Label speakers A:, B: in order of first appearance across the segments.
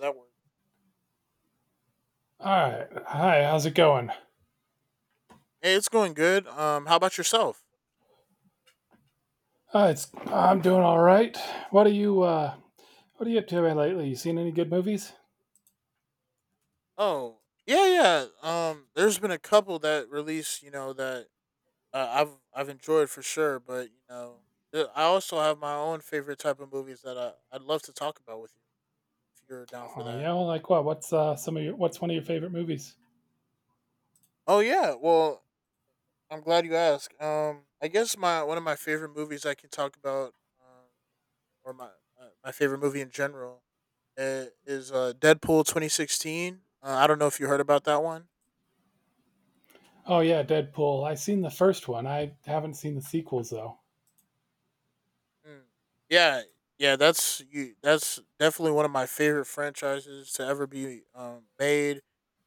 A: That worked.
B: All right. Hi, how's it going?
A: Hey, it's going good. How about yourself?
B: It's I'm doing all right. What are you uh what are you up to lately? You seen any good movies?
A: Oh, yeah, yeah. There's been a couple that release, that I've enjoyed for sure. But I also have my own favorite type of movies that I'd love to talk about with you if you're down for
B: Oh,
A: that.
B: yeah, well, like what? What's one of your favorite movies?
A: Oh yeah. Well, I'm glad you asked. I guess my one of my favorite movies I can talk about, um, or my my favorite movie in general, is Deadpool 2016. I don't know if you heard about that one.
B: Oh yeah, Deadpool. I seen the first one. I haven't seen the sequels though.
A: Mm. Yeah, yeah, that's you. That's definitely one of my favorite franchises to ever be made.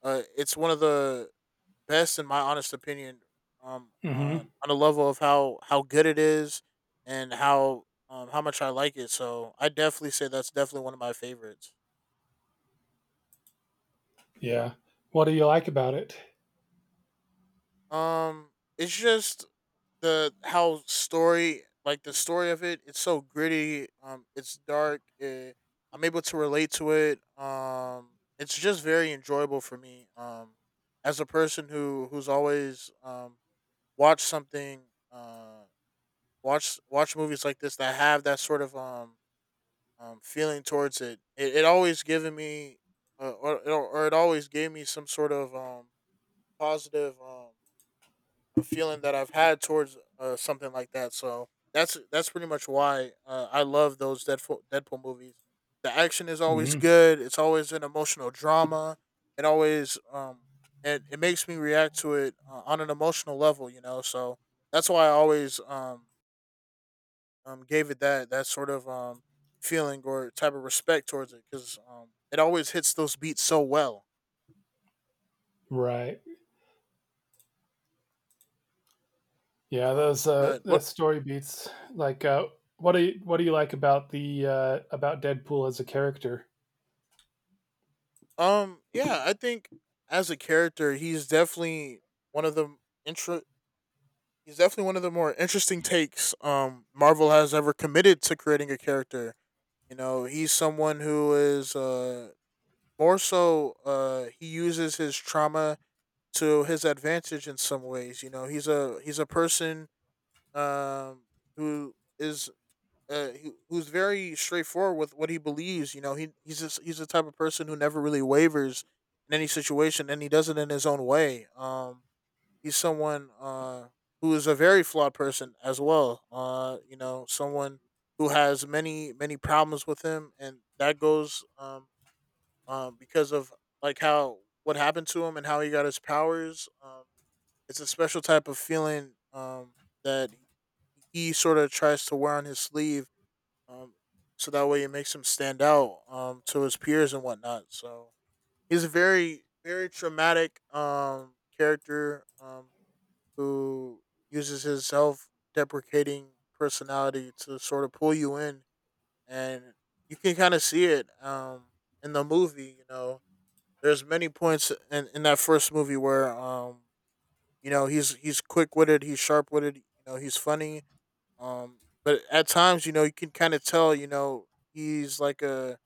A: It's one of the best, in my honest opinion, on
B: Mhm.
A: on a level of how good it is and how much I like it. So I definitely say that's definitely one of my favorites.
B: Yeah. What do you like about it?
A: Um, it's just the story of it's so gritty, it's dark, I'm able to relate to it. It's just very enjoyable for me, as a person who's always watched something uh watch watch movies like this that have that sort of feeling towards it always given me, or it always gave me some sort of positive a feeling that I've had towards something like that. So that's pretty much why I love those Deadpool movies. The action is always
B: Mhm.
A: good. It's always an emotional drama. It always it makes me react to it, on an emotional level, you know. So that's why I always gave it that sort of feeling or type of respect towards it because it always hits those beats so well.
B: Right. Yeah, those
A: But
B: the
A: what
B: story beats like what do you like about the about Deadpool as a character?
A: Yeah, I think as a character, he's definitely one of the intro. He's definitely one of the more interesting takes Marvel has ever committed to creating a character. You know, he's someone who is more so he uses his trauma to his advantage in some ways. You know, he's a person um who is who's very straightforward with what he believes. You know, he's just, he's the type of person who never really wavers in any situation, and he does it in his own way. He's someone, who is a very flawed person as well. You know, someone who has many problems with him, and that goes, because of like how what happened to him and how he got his powers. It's a special type of feeling, that he sort of tries to wear on his sleeve, um, so that way it makes him stand out, to his peers and whatnot. So he's a very traumatic character, who uses his self deprecating personality to sort of pull you in, and you can kind of see it, in the movie. You know, there's many points in that first movie where, you know, he's quick witted, he's sharp witted, you know, he's funny, um, but at times, you know, you can kind of tell, you know, he's like a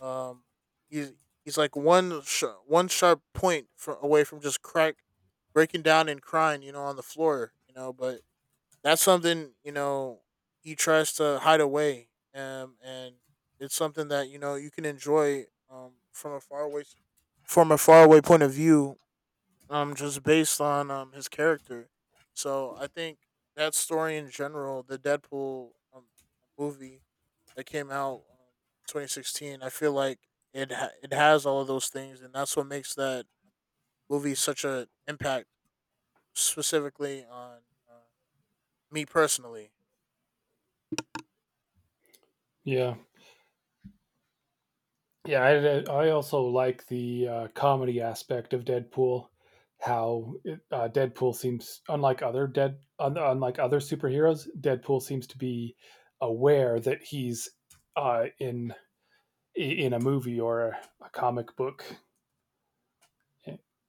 A: um, he's he's like one sharp point from away from just crack breaking down and crying, you know, on the floor, you know. But that's something, you know, he tries to hide away, and it's something that you know you can enjoy from a from a faraway point of view, just based on, his character. So I think that story in general, the Deadpool, movie that came out, 2016, I feel like it has all of those things, and that's what makes that movie such an impact, specifically on, uh, me personally.
B: Yeah. Yeah, I also like the comedy aspect of Deadpool. How it, Deadpool seems, unlike other superheroes, Deadpool seems to be aware that he's uh, in in a movie or a comic book,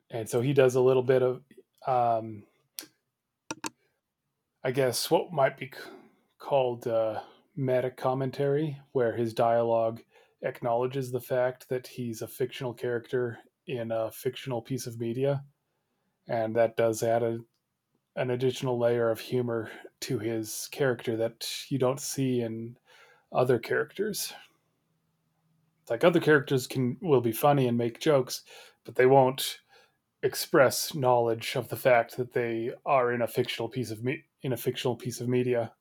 B: and so he does a little bit of, um, I guess, what might be called meta commentary, where his dialogue acknowledges the fact that he's a fictional character in a fictional piece of media, and that does add an additional layer of humor to his character that you don't see in other characters. Like other characters can will be funny and make jokes, but they won't express knowledge of the fact that they are in a fictional piece of media.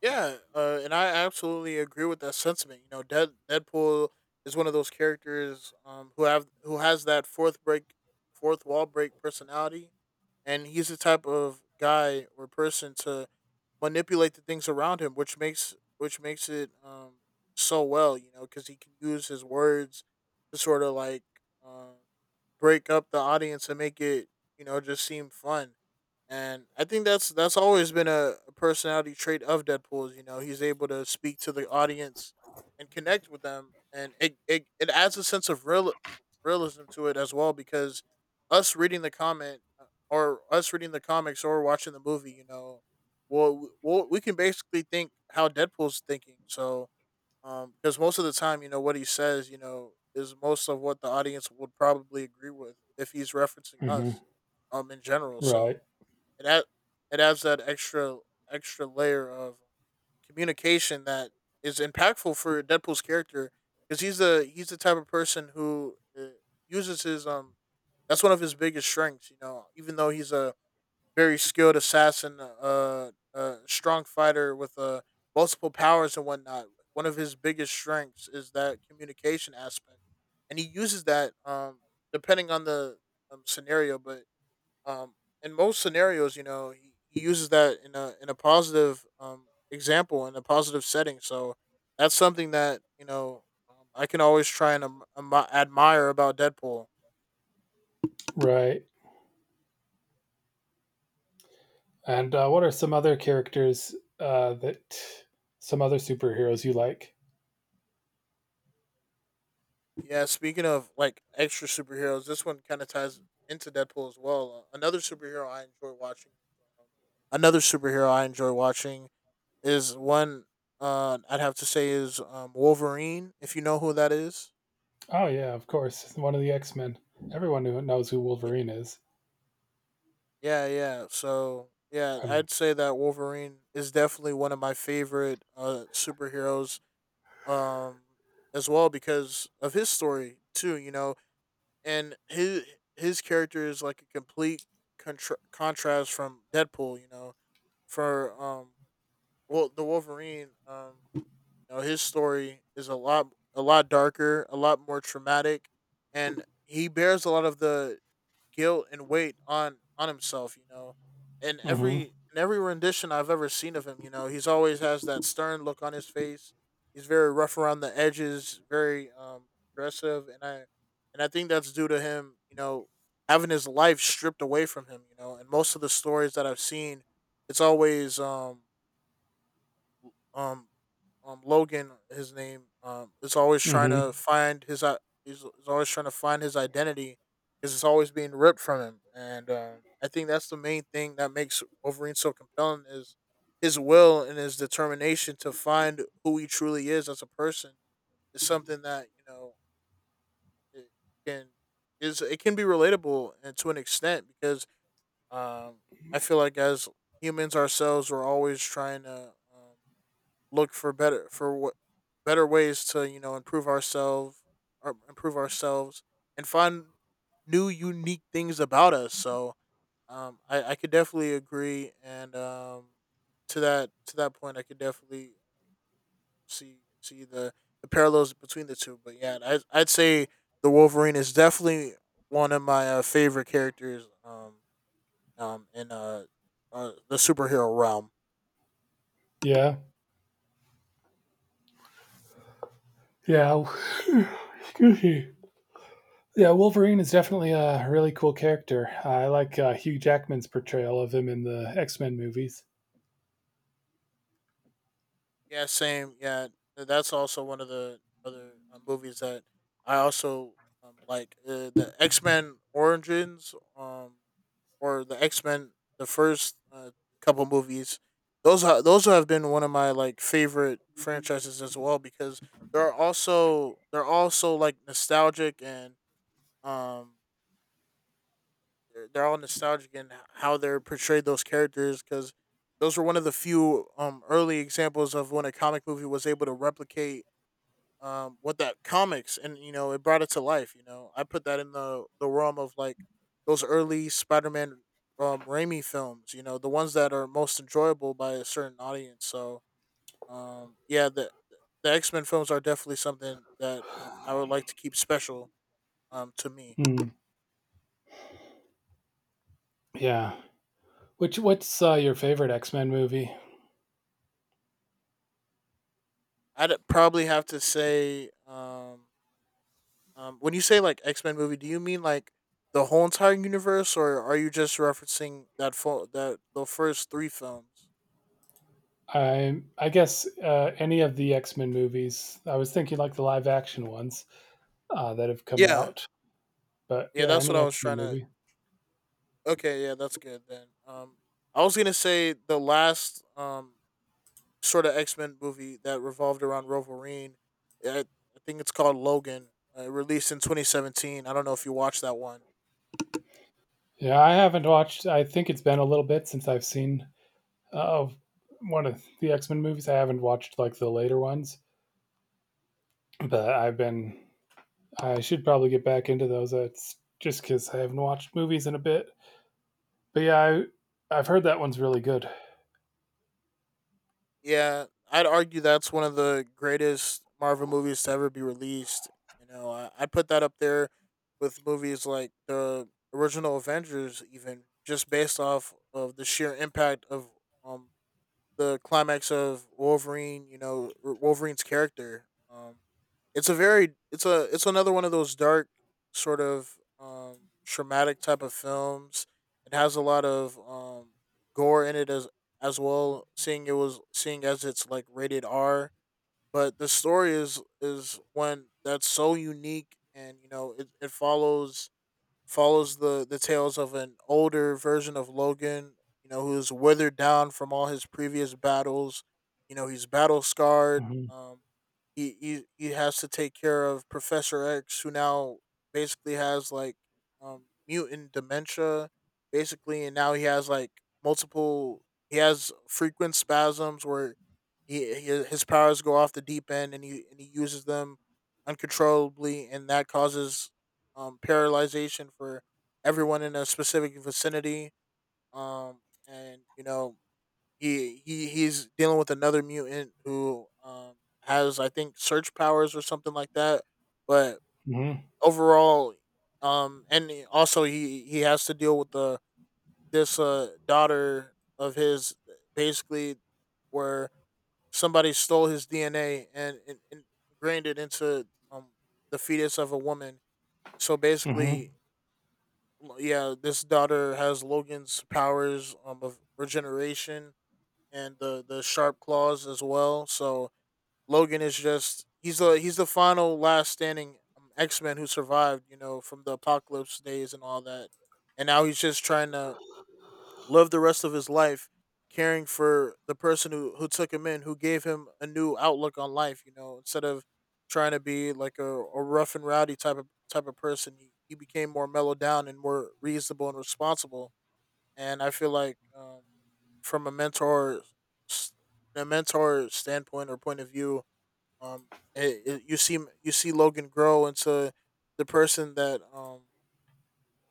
A: Yeah, and I absolutely agree with that sentiment. Deadpool is one of those characters, who has that fourth wall break personality, and he's the type of guy or person to manipulate the things around him, which makes it, so well, you know, because he can use his words to sort of like, um, break up the audience and make it, you know, just seem fun. And I think that's always been a personality trait of You know, he's able to speak to the audience and connect with them, and it adds a sense of realism to it as well, because us reading the comment uh, us reading the comics or watching the movie, you know, well, we can basically think how Deadpool's thinking. So, because most of the time, you know, what he says, you know, is most of what the audience would probably agree with if he's referencing
B: Mm-hmm.
A: us, in general.
B: Right,
A: So, it ad- it adds that extra layer of communication that is impactful for Deadpool's character because he's the type of person who uses his. That's one of his biggest strengths, you know. Even though he's a very skilled assassin, a strong fighter with, multiple powers and whatnot. One of his biggest strengths is that communication aspect, and he uses that, depending on the, scenario. But, um, in most scenarios, you know, he uses that in a positive, example in a positive setting. So that's something that you know, I can always try and, admire about Deadpool.
B: right. And what are some other characters that some other superheroes you like?
A: Yeah, speaking of like extra superheroes, this one kind of ties into Deadpool as well. Um, Another superhero I enjoy watching is one, I'd have to say is, Wolverine. If you know who that is,
B: Oh yeah, of course, one of the X Men. Everyone who knows who
A: yeah,
B: Wolverine is.
A: yeah, yeah. So yeah,
B: I'm.
A: I'd say that Wolverine is definitely one of my favorite, superheroes. Um, as well because of his story too. You know, and his character is like a complete contrast from Deadpool. You know, for, the Wolverine. You know, his story is a lot darker, a lot more traumatic, and he bears a lot of the guilt and weight on himself. You know, and every
B: Mm-hmm.
A: in every rendition I've ever seen of him, you know, he's always has that stern look on his face. He's very rough around the edges, very, aggressive, and I think that's due to him, you know, having his life stripped away from him. You know, and most of the stories that I've seen, it's always um Logan, his name, is always trying
B: Mm-hmm.
A: to find his he's always trying to find his identity because it's always being ripped from him, and, I think that's the main thing that makes Wolverine so compelling is his will and his determination to find who he truly is as a person is something that, you know, it can it can be relatable, and to an extent, because, um I feel like as humans ourselves, we're always trying to, look for better for what better ways to, you know, improve ourselves and find new unique things about us. So, I could definitely agree, and, um, to that point I could definitely see the parallels between the two. But yeah, I'd say the Wolverine is definitely one of my, favorite characters, in, the superhero realm.
B: Yeah. Yeah. Excuse me. Yeah, Wolverine is definitely a really cool character. I like Hugh Jackman's portrayal of him in the X Men movies.
A: Yeah, same. Yeah, that's also one of the other, movies that I also, like. The X Men Origins, or the X Men, the first, couple movies. Those have been one of my like favorite franchises as well, because they're also like nostalgic, and, um they're all nostalgic in how they're portrayed those characters, because those were one of the few, um, early examples of when a comic movie was able to replicate, um, what that comics and, you know, it brought it to life. You know, I put that in the, realm of like those early spider-man, um, Raimi films. You know, the ones that are most enjoyable by a certain audience. So, um, yeah, the x-men films are definitely something that, I would like to keep special, um, to me.
B: Mm. Yeah. Which what's your favorite X Men movie?
A: I'd probably have to say When you say like x-men movie, do you mean like the whole entire universe, or are you just referencing that the first three films?
B: I guess any of the X Men movies. I was thinking like the live action ones that have come
A: Yeah.
B: out. But
A: Yeah,
B: yeah,
A: that's what
B: any
A: I
B: X
A: was
B: Men
A: trying to.
B: movie.
A: Okay, yeah, that's good then. I was gonna say the last, sort of X Men movie that revolved around Wolverine. Yeah, I think it's called Logan. It released in 2017. I don't know if you watched that one.
B: Yeah, I haven't watched. I think it's been a little bit since I've seen uh, one of the X Men movies. I haven't watched like the later ones, but I've been. I should probably get back into those. It's just because I haven't watched movies in a bit. But yeah, I've heard that one's really good.
A: Yeah, I'd argue that's one of the greatest Marvel movies to ever be released. You know, I'd put that up there with movies like the original Avengers, even just based off of the sheer impact of um the climax of Wolverine, you know, Wolverine's character. It's a very, it's a, it's another one of those dark sort of traumatic type of films. It has a lot of gore in it as well. Seeing as it's like rated R, but the story is one that's so unique, and you know, it follows the tales of an older version of Logan, you know, who's withered down from all his previous battles. You know, he's battle scarred.
B: Mm-hmm.
A: He has to take care of Professor X, who now basically has like mutant dementia, basically, and now he has like multiple. He has frequent spasms where he his powers go off the deep end, and he uses them uncontrollably, and that causes paralyzation for everyone in a specific vicinity. Um, and you know he's dealing with another mutant who has I think search powers or something like that. But
B: Mm-hmm.
A: overall, and he- also he has to deal with the this daughter of his basically where somebody stole his DNA and ingrained it into the fetus of a woman. So
B: Mm-hmm.
A: basically, well, yeah, this daughter has Logan's powers of regeneration and the sharp claws as well. So Logan is just he's the final last standing X Men who survived, you know, from the apocalypse days and all that. And now he's just trying to live the rest of his life caring for the person who took him in, who gave him a new outlook on life, you know, instead of trying to be like a rough and rowdy type of person, he became more mellowed down and more reasonable and responsible. And I feel like from a mentor s- a mentor standpoint or point of view, um, you see Logan grow into the person that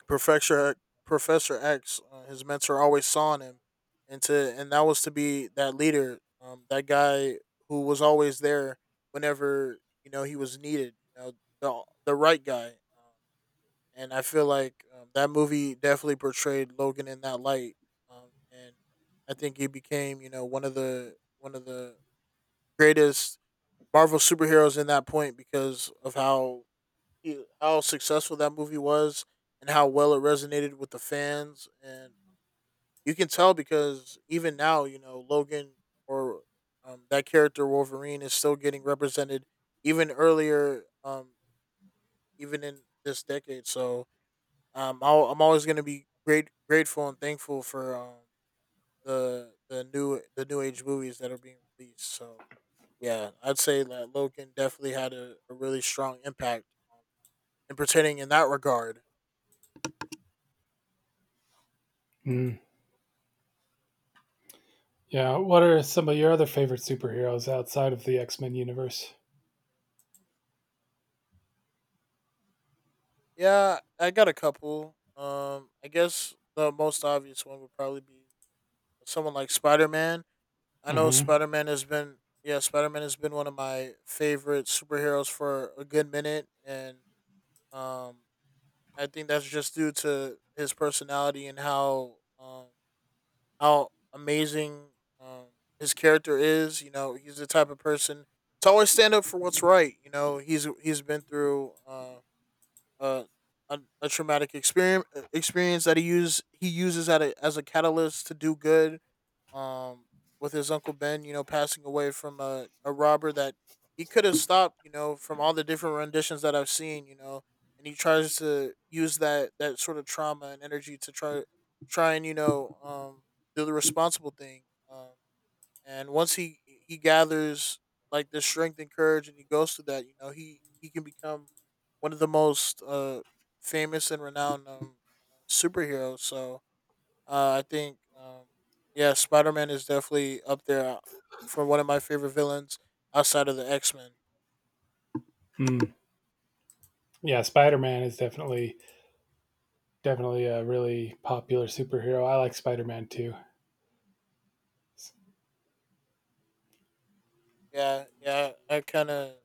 A: Professor Professor X, his mentor, always saw in him, and that was to be that leader, that guy who was always there whenever you know he was needed. You know, the right guy, um, and I feel like that movie definitely portrayed Logan in that light, and I think he became you know one of the greatest Marvel superheroes in that point because of how how successful that movie was and how well it resonated with the fans. And you can tell because even now you know Logan or that character Wolverine is still getting represented even earlier even in this decade. So I'm always going to be great grateful and thankful for the new age movies that are being released. So yeah, I'd say that Logan definitely had a really strong impact um, in pertaining in that regard.
B: Mm. Yeah. What are some of your other favorite superheroes outside of the X Men universe?
A: Yeah, I got a couple. I guess the most obvious one would probably be someone like Spider Man. I know
B: Mm-hmm.
A: Spider Man has been, yeah, Spider Man has been one of my favorite superheroes for a good minute, and um, I think that's just due to his personality and how amazing um his character is. You know, he's the type of person to always stand up for what's right. You know, he's been through uh, a traumatic experience that he uses as a catalyst to do good. Um, with his uncle Ben, you know, passing away from a robber that he could have stopped, you know, from all the different renditions that I've seen, you know, and he tries to use that sort of trauma and energy to try and you know do the responsible thing. Um, and once he gathers like the strength and courage and he goes through that, you know he can become one of the most famous and renowned superheroes. So I think um, yeah, Spider-Man is definitely up there for one of my favorite villains outside of the X-Men.
B: Mm. Yeah, Spider Man is definitely a really popular superhero. I like Spider Man too.
A: Yeah yeah I kind of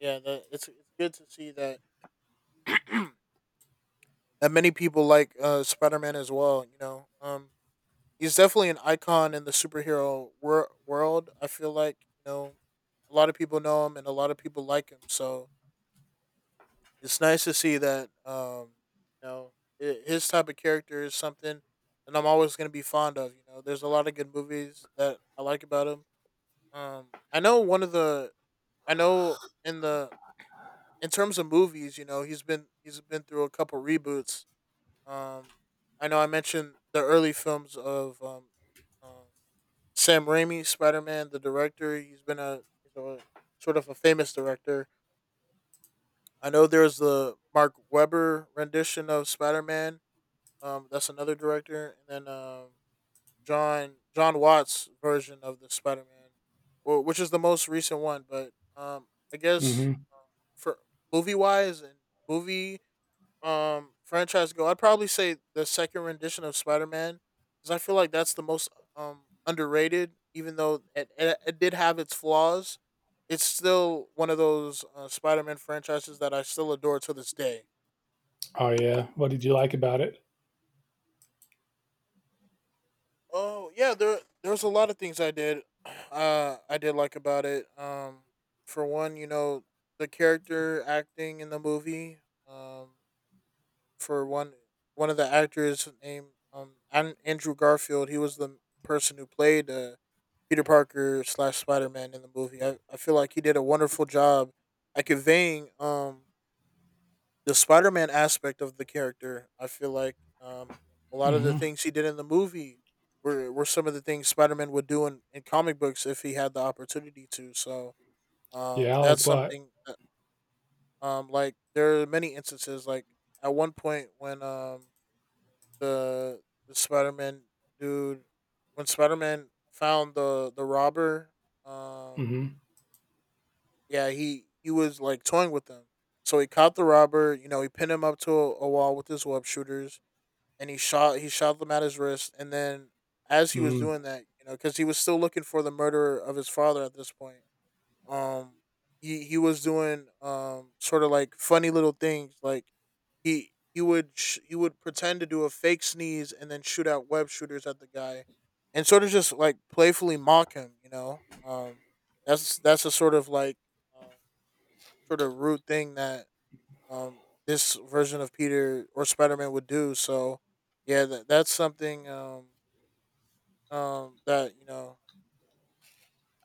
A: yeah that It's good to see that that many people like Spider-Man as well, you know. Um, he's definitely an icon in the superhero world. I feel like you know a lot of people know him and a lot of people like him. So it's nice to see that you know I his type of character is something that I'm always going to be fond of. You know, there's a lot of good movies that I like about him. Um, I know one of the I know in the in terms of movies, you know, he's been through a couple reboots. Um, I know I mentioned the early films of um Sam Raimi, Spider Man, the director. He's a sort of a famous director. I know there's the Mark Webber rendition of Spider Man. That's another director, and then John Watts' version of the Spider Man, which is the most recent one. But I guess
B: Mm-hmm.
A: for movie wise and movie franchise go, I'd probably say the second rendition of Spider Man, because I feel like that's the most underrated. Even though it did have its flaws, it's still one of those uh Spider Man franchises that I still adore to this day.
B: Oh yeah, what did you like about it?
A: Oh yeah, there there's a lot of things I did, I did like about it. For one, you know, the character acting in the movie. Um, for one, one of the actors named Andrew Garfield. He was the person who played Peter Parker slash Spider Man in the movie. I feel like he did a wonderful job at conveying the Spider Man aspect of the character. I feel like a lot of the
B: Mm-hmm.
A: things he did in the movie were some of the things Spider Man would do in comic books if he had the opportunity to. So
B: Yeah, I
A: that's
B: like what?
A: something that, um, like there are many instances like at one point when the, the Spider Man dude when Spider Man found the robber. Um,
B: Mm-hmm.
A: yeah, he was like toying with them. So he caught the robber. You know, he pinned him up to a wall with his web shooters, and he shot them at his wrist. And then as he was
B: Mm.
A: doing that, you know, because he was still looking for the murderer of his father at this point, um, he was doing sort of like funny little things like he would pretend to do a fake sneeze and then shoot out web shooters at the guy and sort of just like playfully mock him, you know. Um, that's a sort of like uh, sort of rude thing that this version of Peter or Spider-Man would do. So yeah, that's something that you know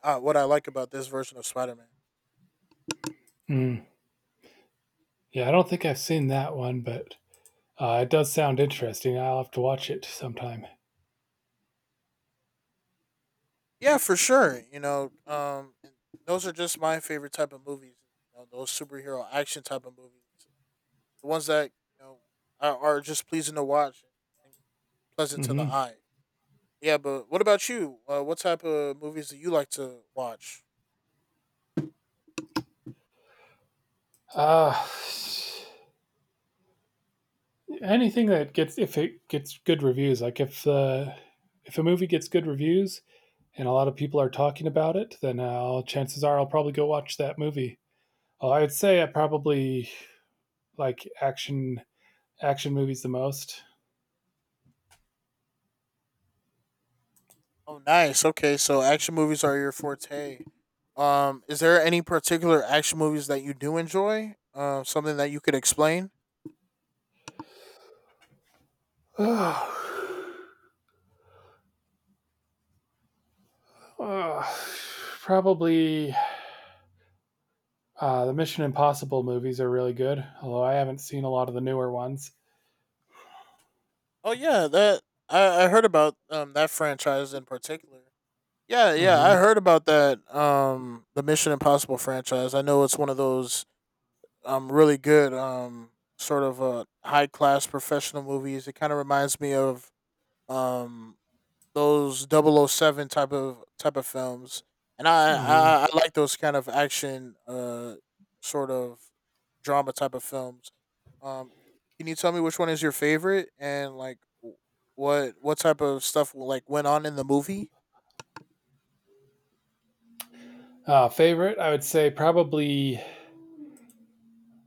A: what I like about this version of Spider-Man.
B: Mm. Yeah, I don't think I've seen that one, but it does sound interesting. I'll have to watch it sometime.
A: Yeah, for sure. You know, and those are just my favorite type of movies. You know, those superhero action type of movies, the ones that you know are just pleasing to watch and pleasant to the
B: Mm-hmm.
A: eye. Yeah, but what about you? What type of movies do you like to watch?
B: Uh Anything that gets if it gets good reviews, like if a movie gets good reviews and a lot of people are talking about it, then chances are I'll probably go watch that movie. I'd say I probably like action movies the most?
A: Oh, nice. Okay, so action movies are your forte. Is there any particular action movies that you do enjoy? Something that you could explain?
B: Ugh. Probably the Mission Impossible movies are really good, although I haven't seen a lot of the newer ones.
A: Oh yeah, that, I heard about that franchise in particular. Yeah, yeah, I
B: Mm-hmm.
A: heard about that. The Mission Impossible franchise. I know it's one of those really good sort of high class professional movies. It kind of reminds me of um those double oh seven type of films, and
B: Mm-hmm.
A: I like those kind of action sort of drama type of films. Um, can you tell me which one is your favorite and like what type of stuff like went on in the movie?
B: Favorite, I would say probably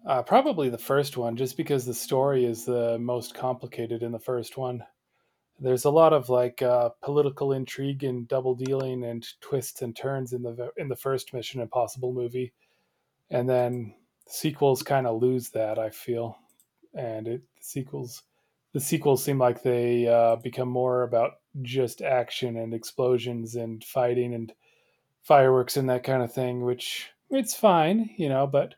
B: uh, probably the first one, just because the story is the most complicated in the first one. There's a lot of like political intrigue and double dealing and twists and turns in the first Mission Impossible movie, and then sequels kind of lose that, I feel. And it sequels The sequels seem like they become more about just action and explosions and fighting and fireworks and that kind of thing, which it's fine, you know, but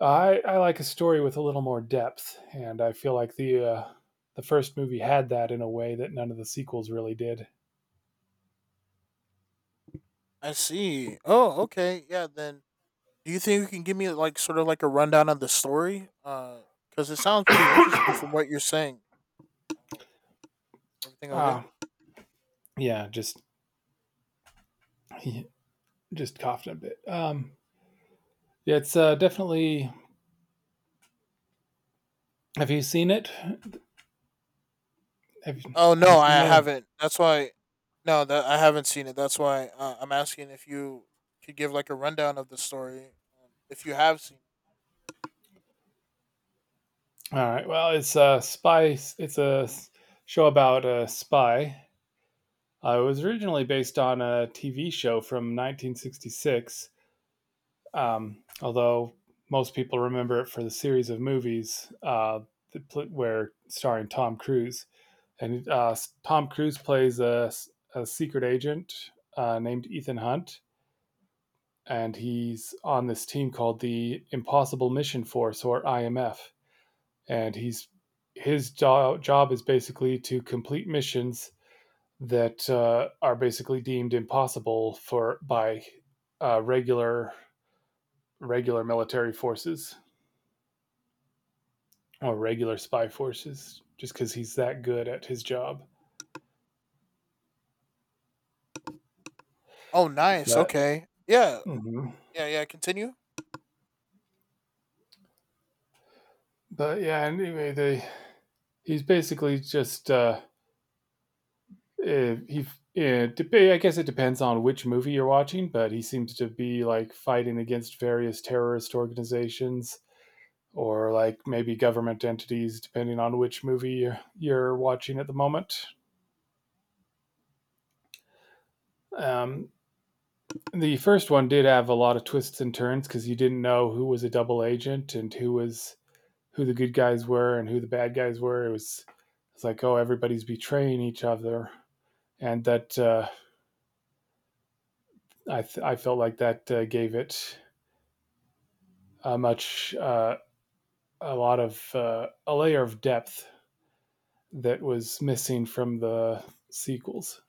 B: I like a story with a little more depth, and I feel like the first movie had that in a way that none of the sequels really did.
A: I see. Oh, okay. Yeah, then do you think you can give me like sort of like a rundown of the story? Because it sounds pretty interesting from what you're saying. Oh, everything okay?
B: Ah, uh yeah, just just coughed a bit. Yeah, it's definitely. Have you seen it?
A: Oh
B: Have you
A: no,
B: seen
A: I
B: that?
A: haven't. That's why. No, that I haven't seen it. That's why I'm asking if you could give like a rundown of the story. If you have seen. It.
B: All right. Well, it's a spy. Show about a spy. It was originally based on a TV show from 1966. Although most people remember it for the series of movies that pl- where starring Tom Cruise. And Tom Cruise plays a secret agent named Ethan Hunt, and he's on this team called the Impossible Mission Force, or IMF, and he's his job is basically to complete missions that are basically deemed impossible for by uh, regular regular military forces or regular spy forces just because he's that good at his job.
A: Oh, nice.
B: But
A: Okay. Yeah.
B: mhm.
A: Yeah. Yeah. Continue.
B: But yeah, anyway, they he's basically just eh, he it, I guess it depends on which movie you're watching, but he seems to be like fighting against various terrorist organizations or like maybe government entities, depending on which movie you're watching at the moment. Um, the first one did have a lot of twists and turns because you didn't know who was a double agent and who the good guys were and who the bad guys were. It's like, oh, everybody's betraying each other, and that I felt like that gave it a much uh, a lot of a layer of depth that was missing from the sequels.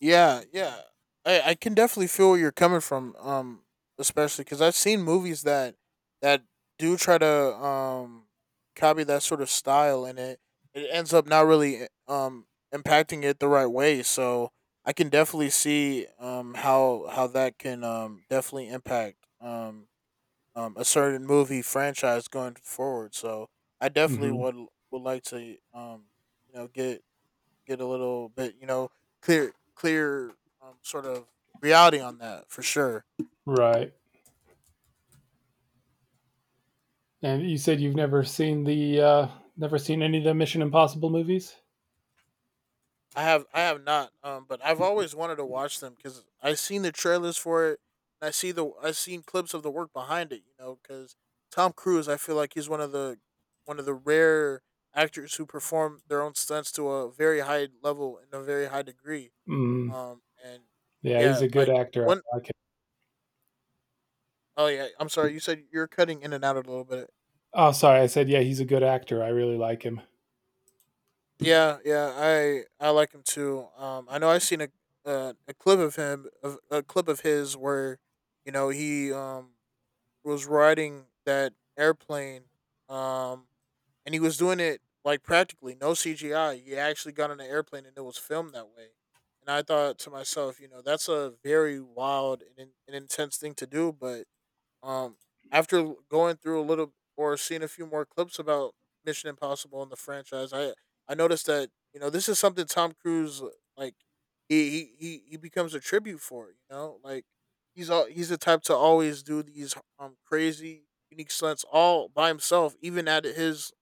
A: Yeah, yeah. I can definitely feel where you're coming from. Especially because I've seen movies that that do try to um copy that sort of style, and it ends up not really impacting it the right way. So I can definitely see how that can definitely impact a certain movie franchise going forward. So I definitely
B: Mm-hmm.
A: would like to you know get get a little bit, clear, sort of reality on that for sure.
B: Right. And you said you've never seen the never seen any of the Mission Impossible movies?
A: I have not, but I've always wanted to watch them because I have seen the trailers for it. And I see the I have seen clips of the work behind it, you know, because Tom Cruise, I feel like he's one of the rare actors who perform their own stunts to a very high level and a very high degree.
B: Mm,
A: And
B: yeah, he's
A: yeah,
B: a good
A: like
B: actor. I
A: one
B: like him.
A: oh yeah, I'm sorry, you said you're cutting in and out a little bit.
B: Oh, sorry, I said yeah, he's a good actor. I really like him.
A: Yeah, yeah, I like him too. I know I've seen a clip of him, of a clip of his where, you know, he was riding that airplane, um, and he was doing it like practically no CGI. He actually got on an airplane and it was filmed that way. And I thought to myself, you know, that's a very wild and intense thing to do, but um, after going through a little or seeing a few more clips about Mission Impossible and the franchise, I noticed that you know this is something Tom Cruise like he becomes a tribute for. You know, like he's the type to always do these crazy unique stunts all by himself, even at his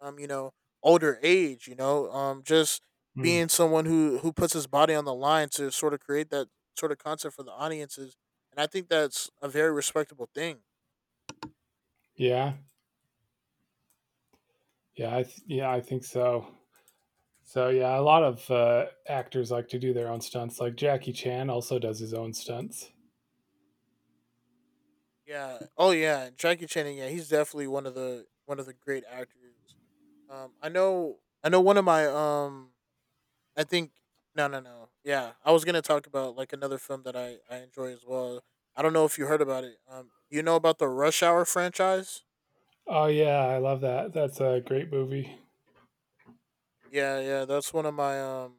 A: um you know older age. You know, just
B: Mm,
A: being someone who puts his body on the line to sort of create that sort of concept for the audiences, and I think that's a very respectable thing.
B: yeah, yeah, I think so. So yeah, a lot of actors like to do their own stunts. Like Jackie Chan also does his own stunts.
A: Yeah. Oh yeah, and Jackie Chan. Yeah, he's definitely one of the great actors. I know. I know one of my I think no, no, no. Yeah, I was gonna talk about like another film that I enjoy as well. I don't know if you heard about it. You know about the Rush Hour franchise?
B: Oh yeah, I love that. That's a great movie.
A: Yeah, yeah, that's one of my um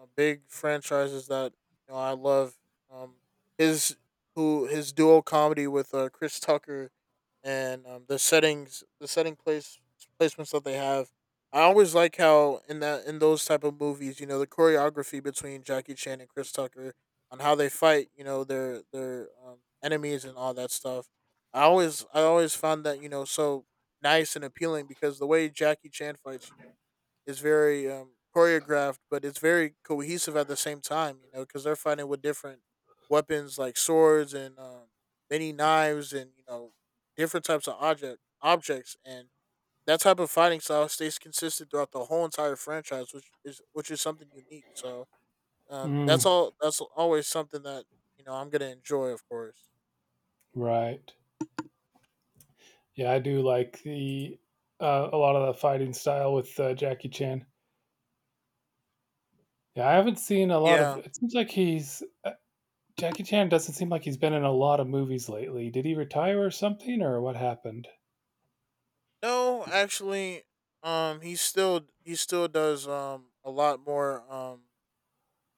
A: uh, big franchises that you know I love. Um, his who his duo comedy with Chris Tucker and the settings, the setting place placements that they have. I always like how in those type of movies, you know, the choreography between Jackie Chan and Chris Tucker on how they fight, you know, their enemies and all that stuff. I always found that you know so nice and appealing because the way Jackie Chan fights, you know is very choreographed, but it's very cohesive at the same time. You know, because they're fighting with different weapons like swords and many knives and you know different types of objects, and that type of fighting style stays consistent throughout the whole entire franchise, which is something unique. So that's
B: Mm,
A: all. That's always something that you know I'm gonna enjoy, of course.
B: right. Yeah, I do like the a lot of the fighting style with Jackie Chan. Yeah, I haven't seen a lot of
A: Yeah.
B: it. Seems like he's Jackie Chan doesn't seem like he's been in a lot of movies lately. Did he retire or something, or what happened?
A: No, actually, he still does a lot more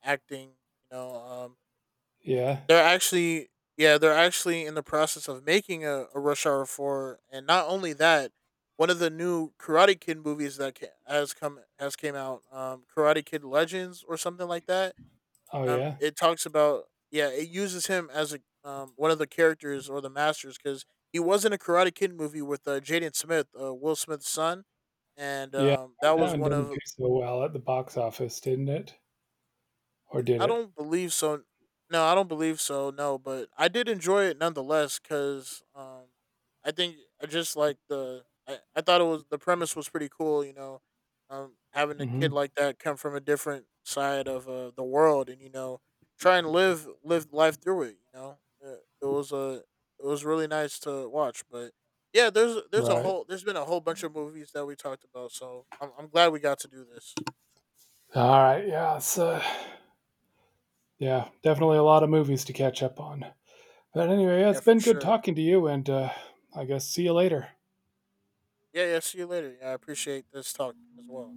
A: acting. You know,
B: Yeah.
A: they're actually yeah, they're actually in the process of making a Rush Hour four, and not only that, one of the new Karate Kid movies that has came out, Karate Kid Legends or something like that.
B: Oh, yeah.
A: It talks about yeah, it uses him as a one of the characters or the masters because he was in a Karate Kid movie with Jaden Smith, Will Smith's son, and
B: Yeah.
A: that
B: That
A: was
B: one
A: one
B: didn't do
A: of
B: so well at the box office, didn't it? Or did
A: I
B: it?
A: don't believe so. No, I don't believe so. No, but I did enjoy it nonetheless because I think I just like the. I thought it was the premise was pretty cool. You know, having a kid
B: Hmm.
A: like that come from a different side of the world and you know try and live life through it. You know, Uh, it was a it was really nice to watch. But yeah,
B: Right.
A: there's been a whole bunch of movies that we talked about. So I'm glad we got to do this.
B: All right. Yeah. So, yeah, definitely a lot of movies to catch up on. But anyway, yeah,
A: Yeah,
B: it's
A: for
B: been good
A: sure.
B: talking to you, and I guess see you later.
A: Yeah, yeah. See you later. Yeah, I appreciate this talk as well.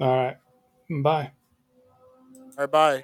B: All right. Bye.
A: All right, bye.